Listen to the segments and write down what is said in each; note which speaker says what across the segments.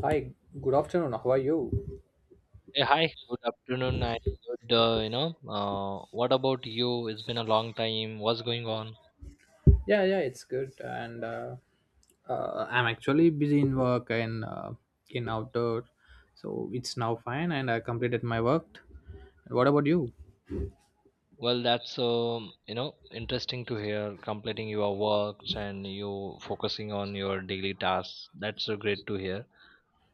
Speaker 1: Hi, good afternoon. How are you?
Speaker 2: Hey, hi, good afternoon and good, what about you? It's been a long time. What's going on?
Speaker 1: Yeah, yeah, it's good. And I'm actually busy in work and in outdoor, so it's now fine. And I completed my work. What about you?
Speaker 2: Well, that's, interesting to hear, completing your works and you focusing on your daily tasks. That's so great to hear.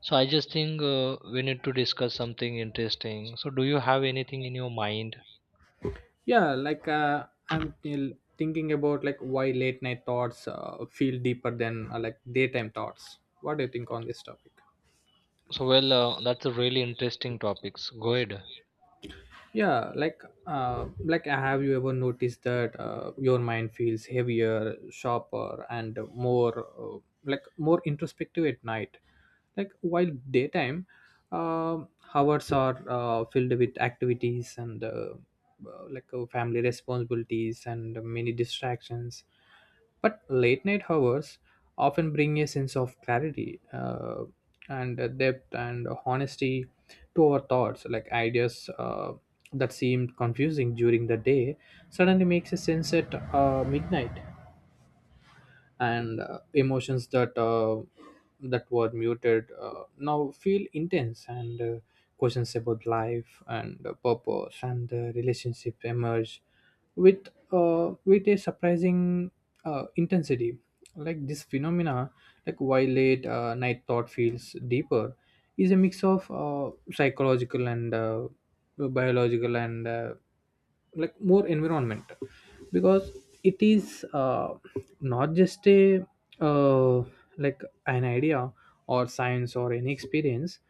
Speaker 2: So I just think we need to discuss something interesting. So do you have anything in your mind?
Speaker 1: Yeah, like I'm still thinking about like why late night thoughts feel deeper than like daytime thoughts. What do you think on this topic?
Speaker 2: That's a really interesting topics. Go ahead.
Speaker 1: Yeah, like have you ever noticed that your mind feels heavier, sharper, and more like more introspective at night, like while daytime um hours are filled with activities and like family responsibilities and many distractions, but late night hours often bring a sense of clarity, and depth and honesty to our thoughts, like ideas that seemed confusing during the day suddenly makes a sense at midnight. And emotions that were muted now feel intense. And questions about life and purpose and the relationship emerge with a surprising intensity. Like this phenomena, like why late night thought feels deeper is a mix of psychological and biological and like more environment, because it is not just a uh, like an idea or science or any experience,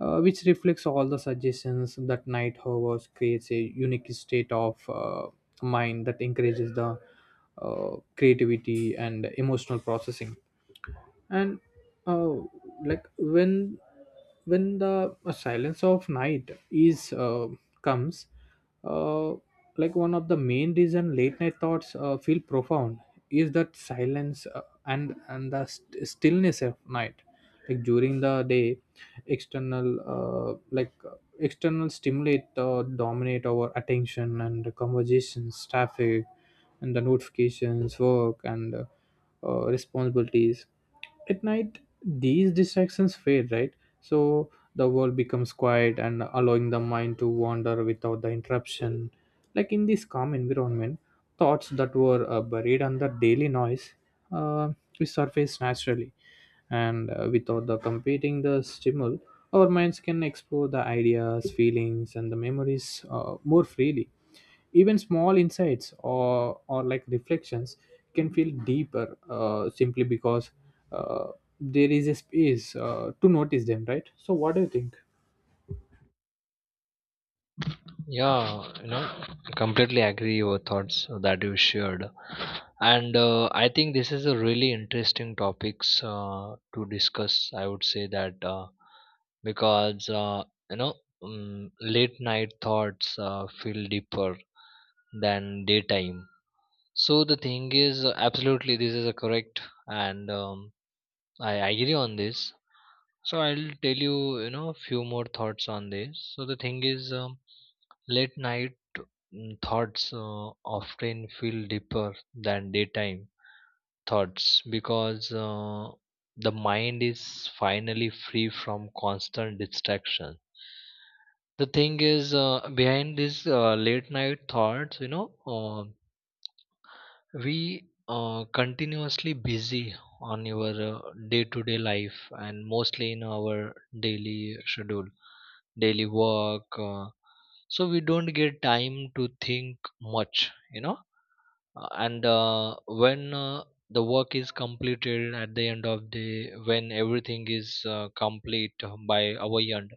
Speaker 1: which reflects all the suggestions that night hours creates a unique state of mind that encourages the creativity and emotional processing. And uh, like when the silence of night is comes, uh, like one of the main reason late night thoughts feel profound is that silence, and the stillness of night. Like during the day, external like external stimulate dominate our attention, and the conversations, traffic, and the notifications, work, and responsibilities. At night these distractions fade, right? So the world becomes quiet and allowing the mind to wander without the interruption. Like in this calm environment, thoughts that were buried under daily noise uh, resurface naturally. And without the competing, the stimul, our minds can explore the ideas, feelings, and the memories more freely. Even small insights or like reflections can feel deeper, simply because uh, there is a space to notice them, right? So what do you think?
Speaker 2: Yeah, you know, completely agree your thoughts that you shared. And I think this is a really interesting topics to discuss, I would say that. Because you know Late night thoughts feel deeper than daytime. So the thing is, absolutely this is a correct, and I agree on this. So I'll tell you, you know, a few more thoughts on this. So the thing is, late night, thoughts often feel deeper than daytime thoughts because the mind is finally free from constant distraction. The thing is, behind these late night thoughts, you know, we are continuously busy on your day to day life, and mostly in our daily schedule, daily work, so we don't get time to think much, you know. And When the work is completed at the end of the, when everything is complete by our end,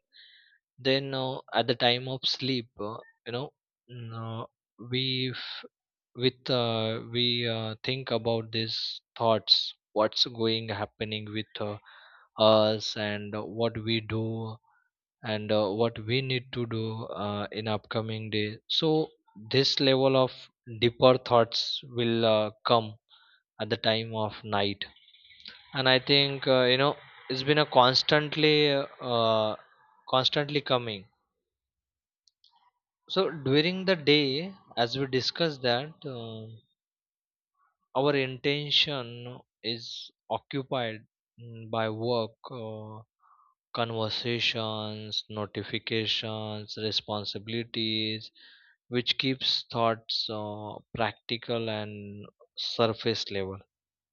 Speaker 2: then at the time of sleep, you know mm, uh, we, with we think about these thoughts, what's going happening with us and what we do and what we need to do in upcoming day. So this level of deeper thoughts will come at the time of night. And I think, you know, it's been a constantly uh, constantly coming. So during the day, as we discussed, that our intention is occupied, by work, conversations, notifications, responsibilities, which keeps thoughts practical and surface level.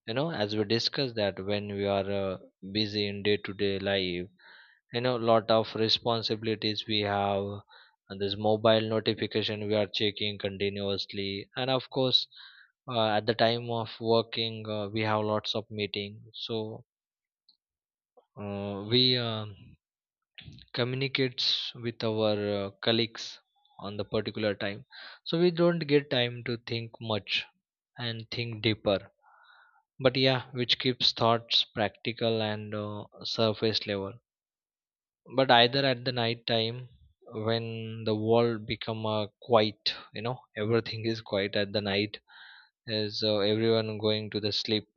Speaker 2: You know, as we discussed, that when we are busy in day to day life, you know, lot of responsibilities we have, and this mobile notification we are checking continuously, and of course at the time of working we have lots of meeting, so we communicates with our colleagues on the particular time, so we don't get time to think much and think deeper. But yeah, which keeps thoughts practical and surface level. But either at the night time, when the world become quiet, you know, everything is quiet at the night, as everyone going to the sleep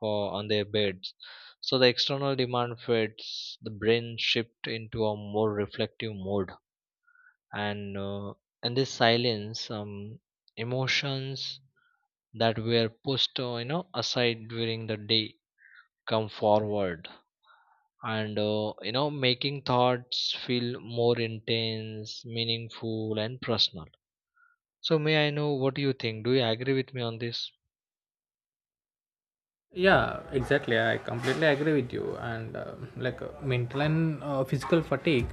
Speaker 2: or on their beds, so the external demand fades, the brain shift into a more reflective mode. And in this silence, emotions that were pushed, you know, aside during the day, come forward, and you know, making thoughts feel more intense, meaningful and personal. So may I know what do you think, do you agree with me on this?
Speaker 1: Yeah, exactly, I completely agree with you. And like mental and physical fatigue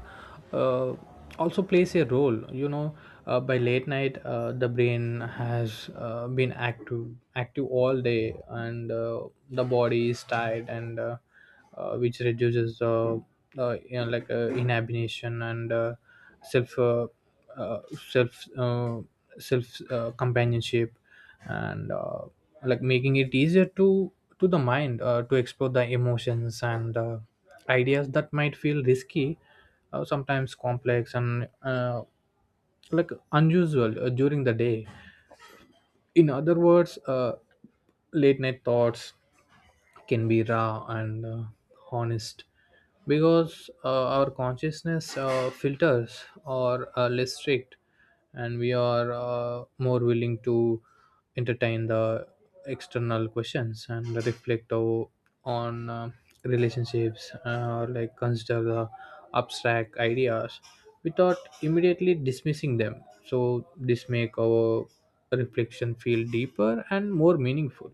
Speaker 1: uh, also plays a role. By late night the brain has been active all day, and the body is tired, and which reduces, like inhibition and self, uh, self, self, companionship, and like making it easier to the mind to explore the emotions and ideas that might feel risky, sometimes complex and like unusual during the day. In other words, late night thoughts can be raw and honest, because our consciousness filters are less strict, and we are more willing to entertain the external questions and on relationships, like consider the abstract ideas without immediately dismissing them. So this make our reflection feel deeper and more meaningful.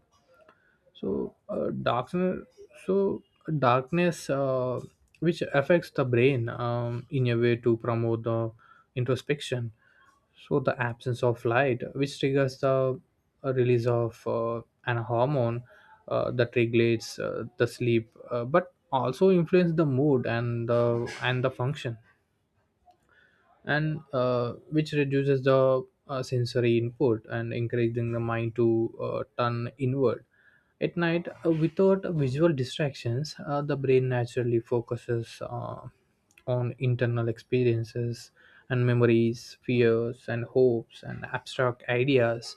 Speaker 1: So uh, darkness so darkness, which affects the brain in a way to promote the introspection. So the absence of light, which triggers the release of an hormone that regulates the sleep, but also influence the mood and the function, and which reduces the sensory input and encouraging the mind to turn inward. At night, without visual distractions, the brain naturally focuses on internal experiences, and memories, fears, and hopes, and abstract ideas,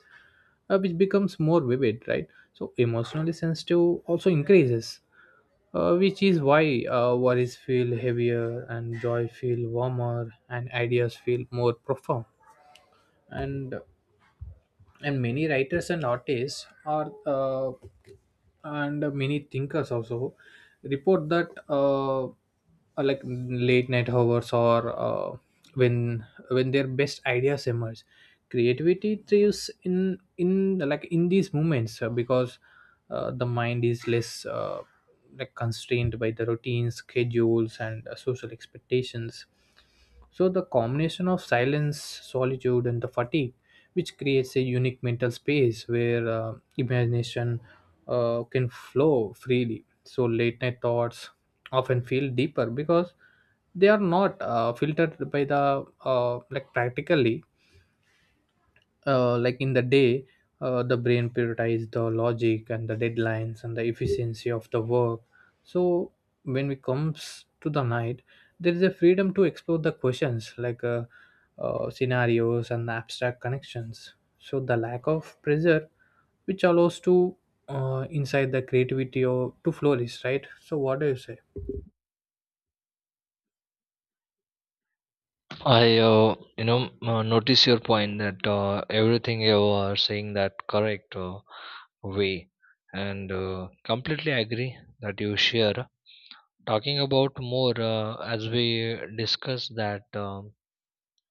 Speaker 1: which becomes more vivid, right? So emotionally sensitive also increases, which is why worries feel heavier and joy feel warmer and ideas feel more profound. And and many writers and artists are, and many thinkers also report that like late night hours, or when their best ideas emerge. Creativity thrives in like in these moments, because the mind is less like constrained by the routines, schedules, and social expectations. So the combination of silence, solitude, and the fatigue, which creates a unique mental space where imagination can flow freely. So late night thoughts often feel deeper because they are not filtered by the like practically. Like in the day, the brain prioritizes the logic and the deadlines and the efficiency of the work. So when it comes to the night, there is a freedom to explore the questions, like scenarios and the abstract connections. So the lack of pressure, which allows to inside the creativity or to flourish, right? So what do you say?
Speaker 2: I, notice your point that, everything you are saying that correct way, and completely agree that you share. Talking about more, as we discuss, that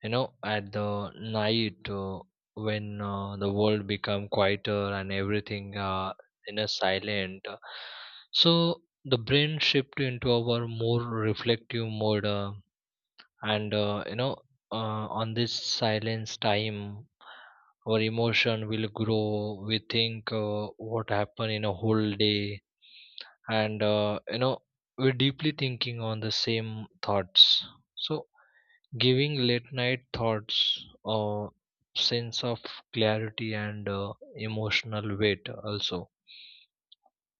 Speaker 2: you know, at the night, when the world become quieter and everything in a silent, so the brain shift into our more reflective mode, and you know, on this silence time, our emotion will grow. We think what happened in a whole day. And you know, we're deeply thinking on the same thoughts. So giving late night thoughts a sense of clarity and emotional weight also.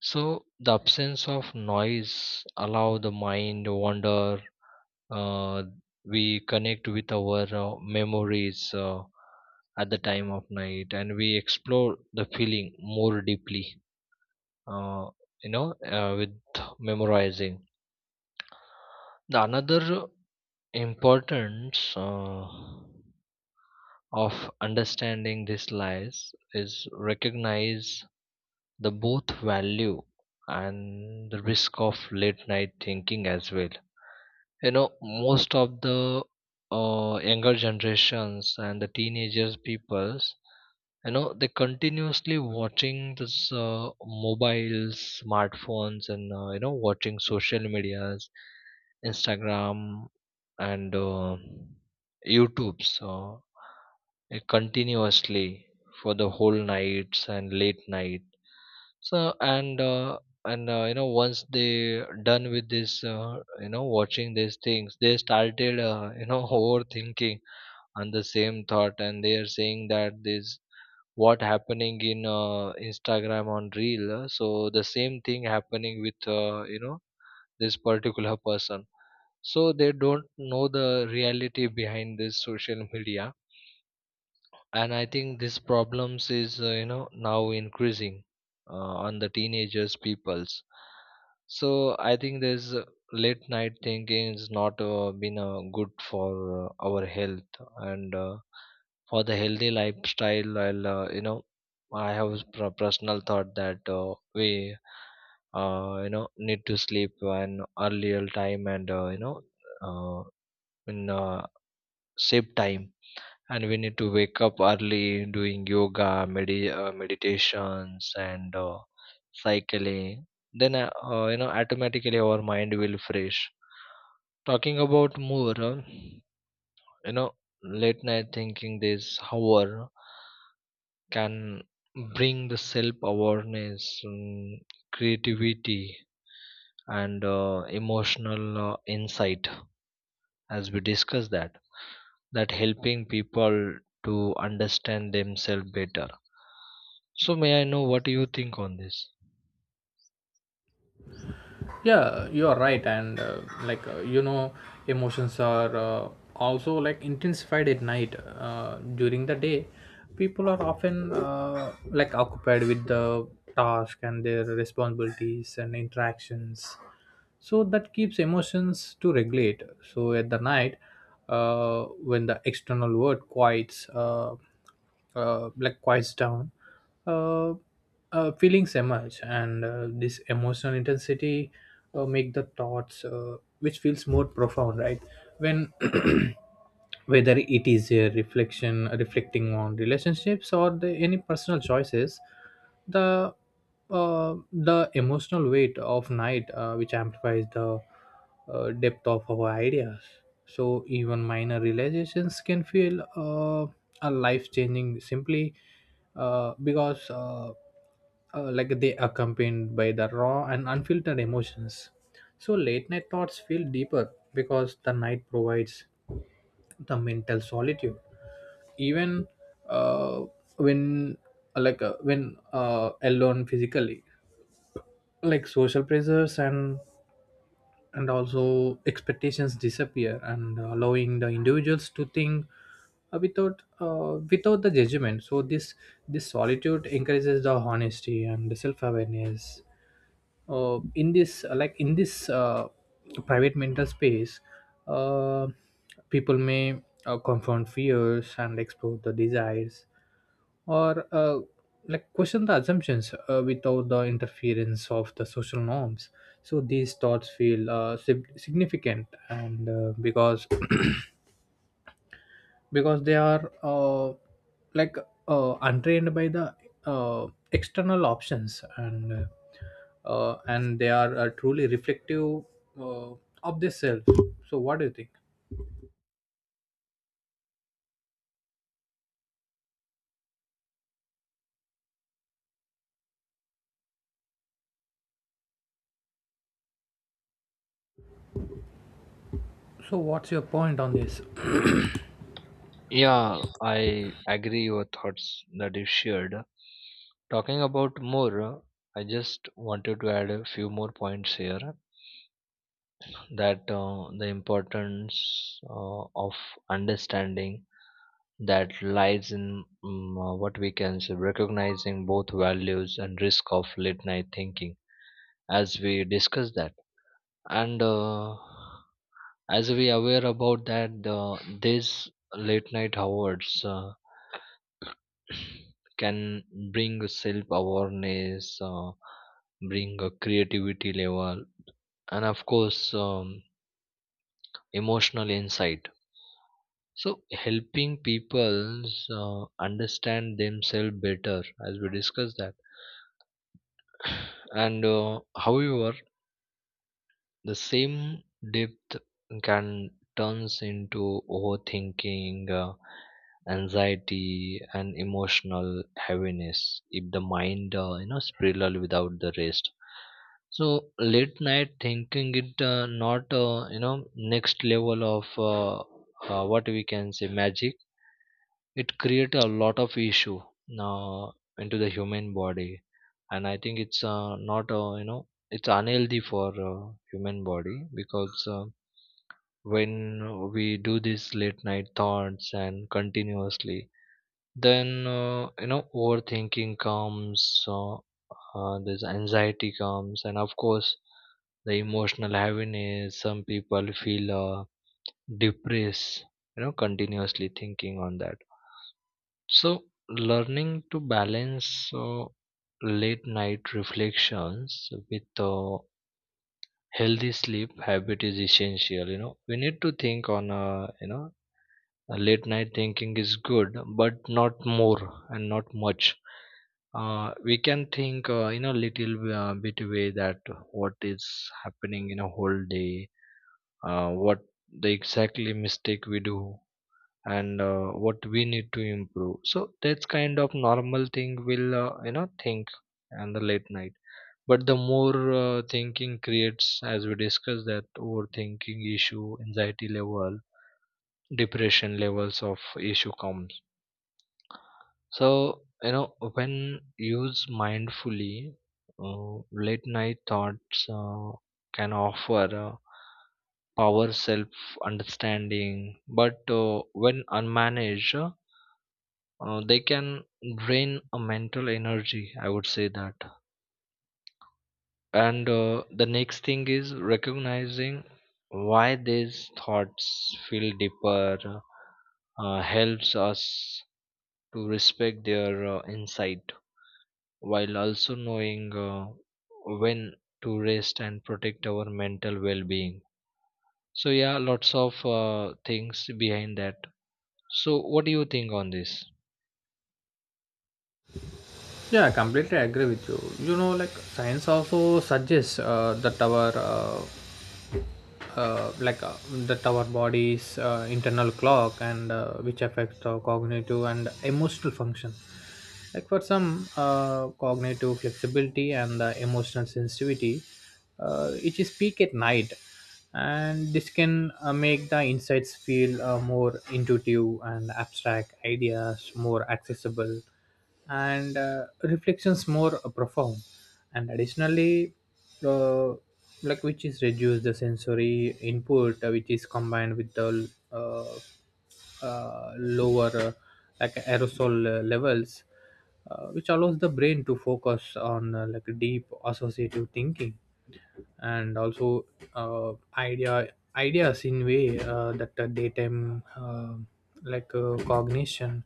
Speaker 2: So the absence of noise allow the mind wander. uh, we connect with our memories at the time of night, and we explore the feeling more deeply. uh, with memorizing, the another importance of understanding these lies is recognize the both value and the risk of late night thinking as well. You know, most of the younger generations and the teenagers peoples, you know, they continuously watching this mobiles, smartphones, and you know, watching social medias, Instagram and YouTube. So it continuously for the whole nights and late night. So and uh, and uh, you know, once they done with this, you know, watching these things, they started, you know, overthinking on the same thought, and they are saying that this what happening in Instagram on reel, so the same thing happening with, you know, this particular person. So they don't know the reality behind this social media. And I think this problems is, you know, now increasing on the teenagers peoples. So I think there's late night thinking is not been good for our health, and for the healthy lifestyle. I'll, you know, I have personal thought that we you know, need to sleep an earlier time, and you know uh, in safe time, and we need to wake up early, doing yoga, meditations, and cycling. Then you know, automatically our mind will fresh. Talking about more, you know, late night thinking, this, however, can bring the self awareness, creativity, and emotional insight, as we discussed, that that helping people to understand themselves better. So may I know what do you think on this?
Speaker 1: Yeah, you are right. And like emotions are also like intensified at night. During the day, people are often like occupied with the task and their responsibilities and interactions, so that keeps emotions to regulate. So at the night, when the external world quiets, like quiets down, uh, feelings emerge, and this emotional intensity make the thoughts, which feels more profound, right? When whether it is a reflection, reflecting on relationships or the, any personal choices, the the emotional weight of night, which amplifies the depth of our ideas. So even minor realizations can feel, a life changing, simply because like they accompanied by the raw and unfiltered emotions. So late night thoughts feel deeper because the night provides the mental solitude, even uh, when like when alone physically, like social pressures and also expectations disappear and allowing the individuals to think without without the judgment. So this solitude encourages the honesty and the self-awareness in this, like in this, private mental space, uh, people may confront fears and explore the desires, or like question the assumptions without the interference of the social norms. So these thoughts feel significant, and because they are like untrained by the external options, and and they are truly reflective uh, of this self. So what do you think? So what's your point on this?
Speaker 2: Yeah, I agree your thoughts that you shared. Talking about more, I just wanted to add a few more points here, that the importance of understanding that lies in, what we can say, recognizing both values and risk of late night thinking, as we discussed that. And as we aware about that, the, these late night hours, can bring self awareness, bring a creativity level, and of course emotional insight, so helping people understand themselves better, as we discussed that. And however, the same depth can turns into overthinking, anxiety, and emotional heaviness if the mind, you know, spiraled without the rest. So late night thinking it not, you know, next level of, what we can say, magic. It create a lot of issue uh, into the human body. And I think it's not, you know, it's unhealthy for human body, because when we do this late night thoughts and continuously, then, you know, overthinking comes, this anxiety comes, and of course the emotional heaviness, some people feel depressed, you know, continuously thinking on that. So learning to balance late night reflections with a healthy sleep habit is essential. You know, we need to think on a, you know, a late night thinking is good, but not more and not much. We can think in a little bit way, that what is happening in a whole day, what the exactly mistake we do, and what we need to improve. So that's kind of normal thing will, you know, think. And the late night, but the more thinking creates, as we discussed, that overthinking issue, anxiety level, depression levels of issue comes. So you know, when used mindfully, late night thoughts can offer power, self understanding, but when unmanaged, they can drain a mental energy, I would say that. And the next thing is recognizing why these thoughts feel deeper, helps us to respect their insight, while also knowing when to rest and protect our mental well-being. So yeah, lots of things behind that. So what do you think on this?
Speaker 1: Yeah, I completely agree with you you know Like science also suggests that our like that our body's internal clock, and which affects our cognitive and emotional function. Like for some, cognitive flexibility and the emotional sensitivity, which is peak at night, and this can make the insights feel more intuitive, and abstract ideas more accessible, and reflections more profound. And additionally, uh, like which is reduce the sensory input, which is combined with the uh, lower like aerosol levels, which allows the brain to focus on like deep associative thinking, and also uh, idea ideas in way that daytime like cognition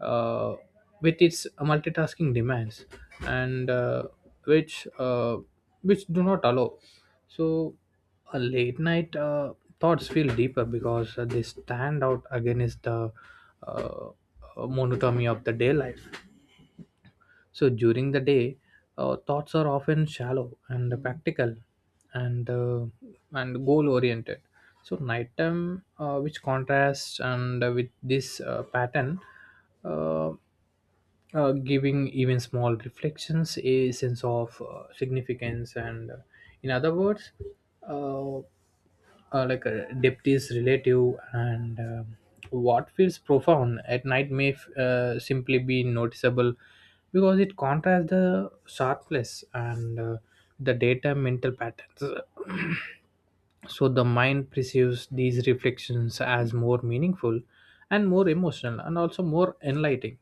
Speaker 1: uh, with its multitasking demands, and which uh, which do not allow. So late night thoughts feel deeper because they stand out against the uh, monotony of the day life. So during the day, thoughts are often shallow and practical, and uh, and goal oriented. So nighttime, which contrasts and with this pattern, uh, giving even small reflections a sense of significance. And in other words, uh, like a deputy's relative. And what feels profound at night may simply be noticeable because it contrasts the sharpness and the data mental patterns. So the mind perceives these reflections as more meaningful and more emotional, and also more enlightening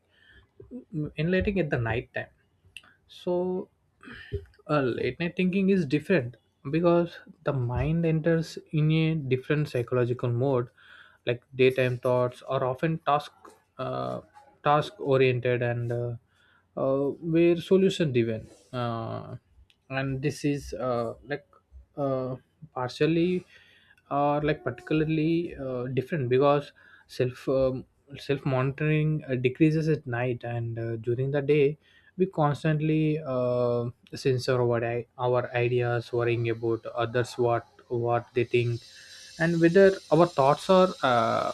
Speaker 1: enlightening at the night time. So late night thinking is different because the mind enters in a different psychological mode. Like daytime thoughts are often uh, task oriented, and where solution driven, and this is like uh, partially are like particularly different because self um, self monitoring decreases at night. And during the day we constantly censor our ideas, worrying about others what they think, and whether our thoughts are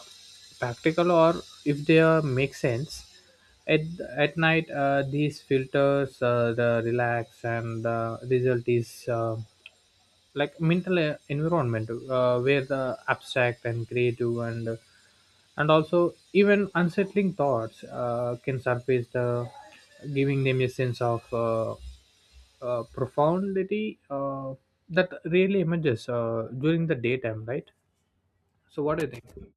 Speaker 1: practical, or if they are make sense at at night. These filters the relax, and the result is like mental environment where the abstract and creative, and also even unsettling thoughts can surface, the giving them a sense of profundity that really emerges during the daytime, right? So what do you think?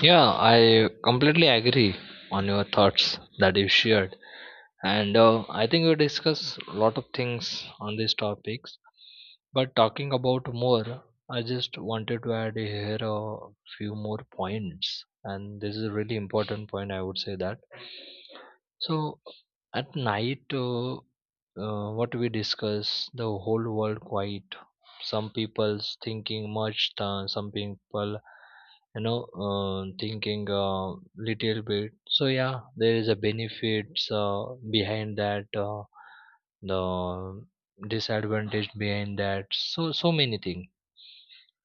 Speaker 2: Yeah, I completely agree on your thoughts that you shared, and I think we discuss a lot of things on these topics. But talking about more, I just wanted to add here a few more points, and this is a really important point, I would say that. So at night, what we discuss, the whole world quiet. Some people's thinking much, some people, you know, thinking a little bit. So yeah, there is a benefits behind that, the disadvantage behind that. So so many things.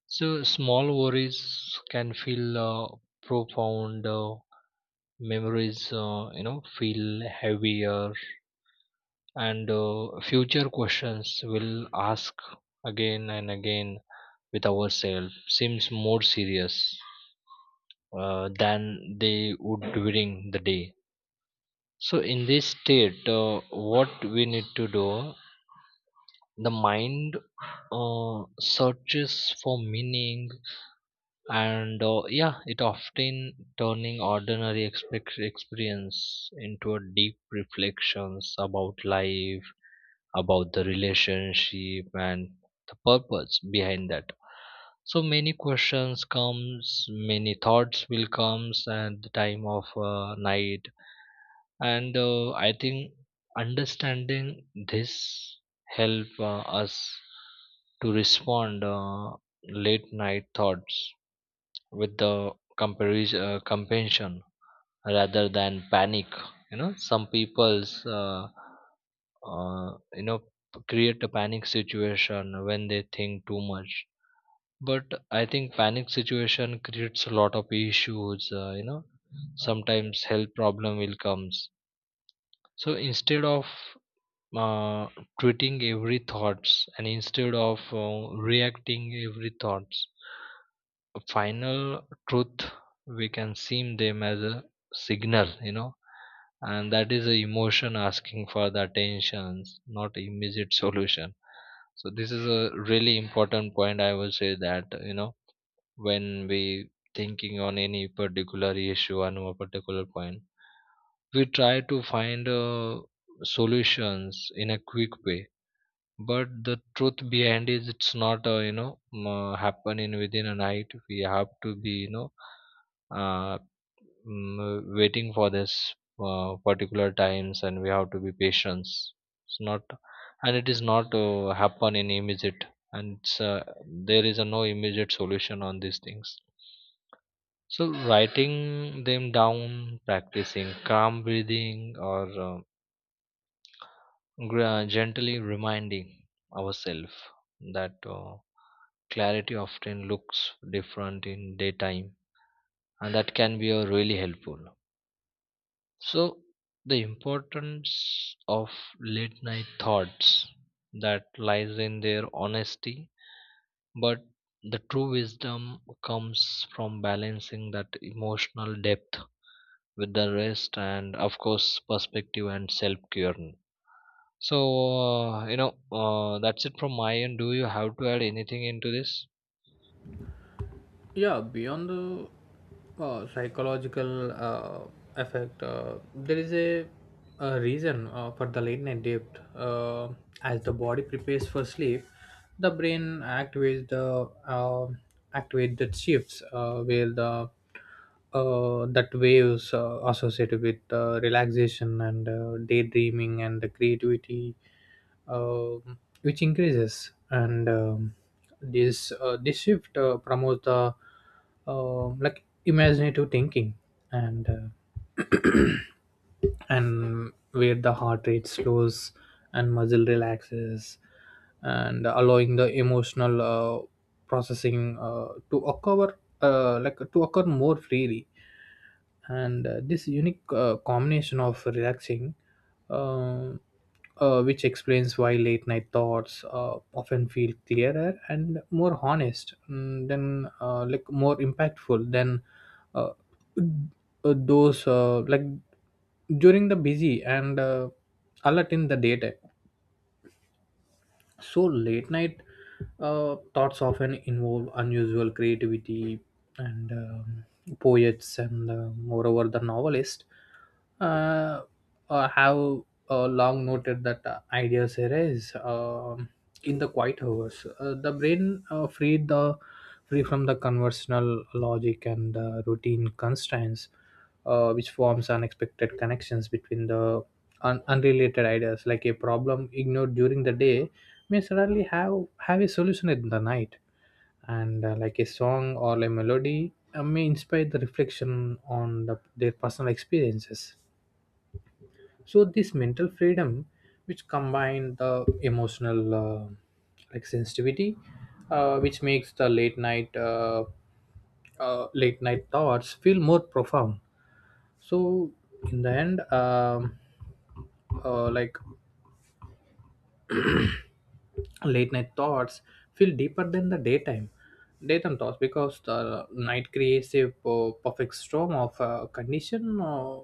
Speaker 2: So small worries can feel profound, memories, you know, feel heavier, and future questions will ask again and again with ourselves, seems more serious than they would during the day. So in this state, what we need to do, the mind searches for meaning, and yeah, it often turning ordinary experience into a deep reflections about life, about the relationship, and the purpose behind that. So many questions comes, many thoughts will comes at the time of night. And I think understanding this help us to respond late night thoughts with the comparison compassion, rather than panic. You know, some people's, you know, create a panic situation when they think too much. But I think panic situation creates a lot of issues, you know, sometimes health problem will comes. So instead of uh, treating every thoughts, and instead of reacting every thoughts, final truth, we can see them as a signal, you know, and that is a emotion asking for the attentions, not immediate solution. So this is a really important point, I will say that. You know, when we thinking on any particular issue on a particular point, we try to find solutions in a quick way, but the truth behind is, it's not, you know, happen within a night. We have to be, you know, uh, waiting for this particular times, and we have to be patient. It's not, and it is not happen in immediate. And it's, there is a no immediate solution on these things. So writing them down, practicing calm breathing, or gently reminding ourselves that. Clarity often looks different in daytime, and that can be really helpful. So the importance of late night thoughts that lies in their honesty, but the true wisdom comes from balancing that emotional depth with the rest, and of course perspective and self care. So uh, you know that's it from my end. Do you have to add anything into this?
Speaker 1: Yeah, beyond the psychological effect, there is a reason for the late night dip, as the body prepares for sleep. The brain activates the activate that shifts, where the that waves associated with relaxation and daydreaming and the creativity, Um which increases. And this shift promotes the like imaginative thinking. And and where the heart rate slows and muscle relaxes and allowing the emotional processing to occur, like to occur more freely. And this unique combination of relaxing, uh, which explains why late night thoughts often feel clearer and more honest, than like more impactful than uh, those like during the busy and alert in the daytime. So late night thoughts often involve unusual creativity. And poets, and moreover the novelist, uh, have long noted that ideas arise in the quiet hours. The brain, free from the conventional logic and routine constraints, which forms unexpected connections between the unrelated ideas. Like a problem ignored during the day may suddenly have a solution in the night, and like a song or a melody may inspire the reflection on their personal experiences. So this mental freedom, which combine the emotional like sensitivity, which makes the late night thoughts feel more profound. So in the end, like late night thoughts feel deeper than the daytime thoughts because the night creates a perfect storm of condition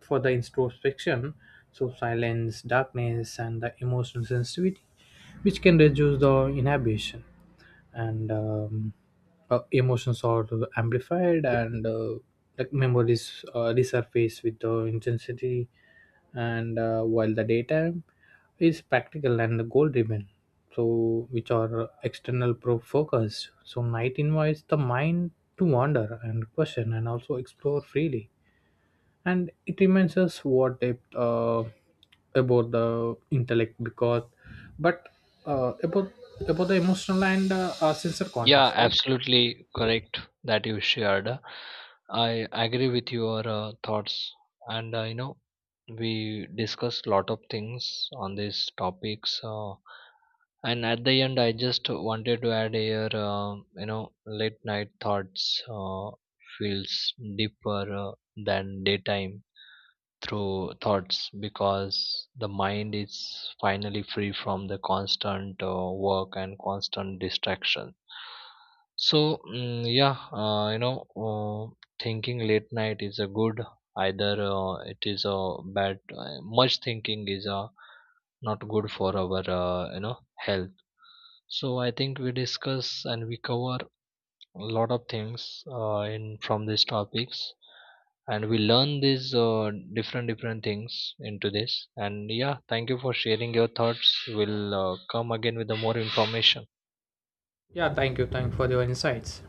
Speaker 1: for the introspection. So silence, darkness, and the emotional sensitivity, which can reduce the inhibition, and emotions are amplified, and like memories resurface with the intensity. And while the daytime is practical and goal driven, so which are external pro focused, so night invites the mind to wander and question and also explore freely. And it reminds us what depth, about the intellect, because, but uh, about about the emotional and sensor
Speaker 2: Yeah,
Speaker 1: context, right?
Speaker 2: absolutely correct that you shared. I agree with your thoughts, and you know, we discussed lot of things on these topics. And at the end, I just wanted to add here, you know, late night thoughts feels deeper than daytime through thoughts, because the mind is finally free from the constant work and constant distraction. So yeah, you know, thinking late night is a good, either it is a bad, much thinking is not good for our, you know, health. So I think we discuss and we cover a lot of things in from these topics, and we learn these different different things into this. And yeah, thank you for sharing your thoughts. We'll come again with the more information.
Speaker 1: Yeah, thank you for your insights.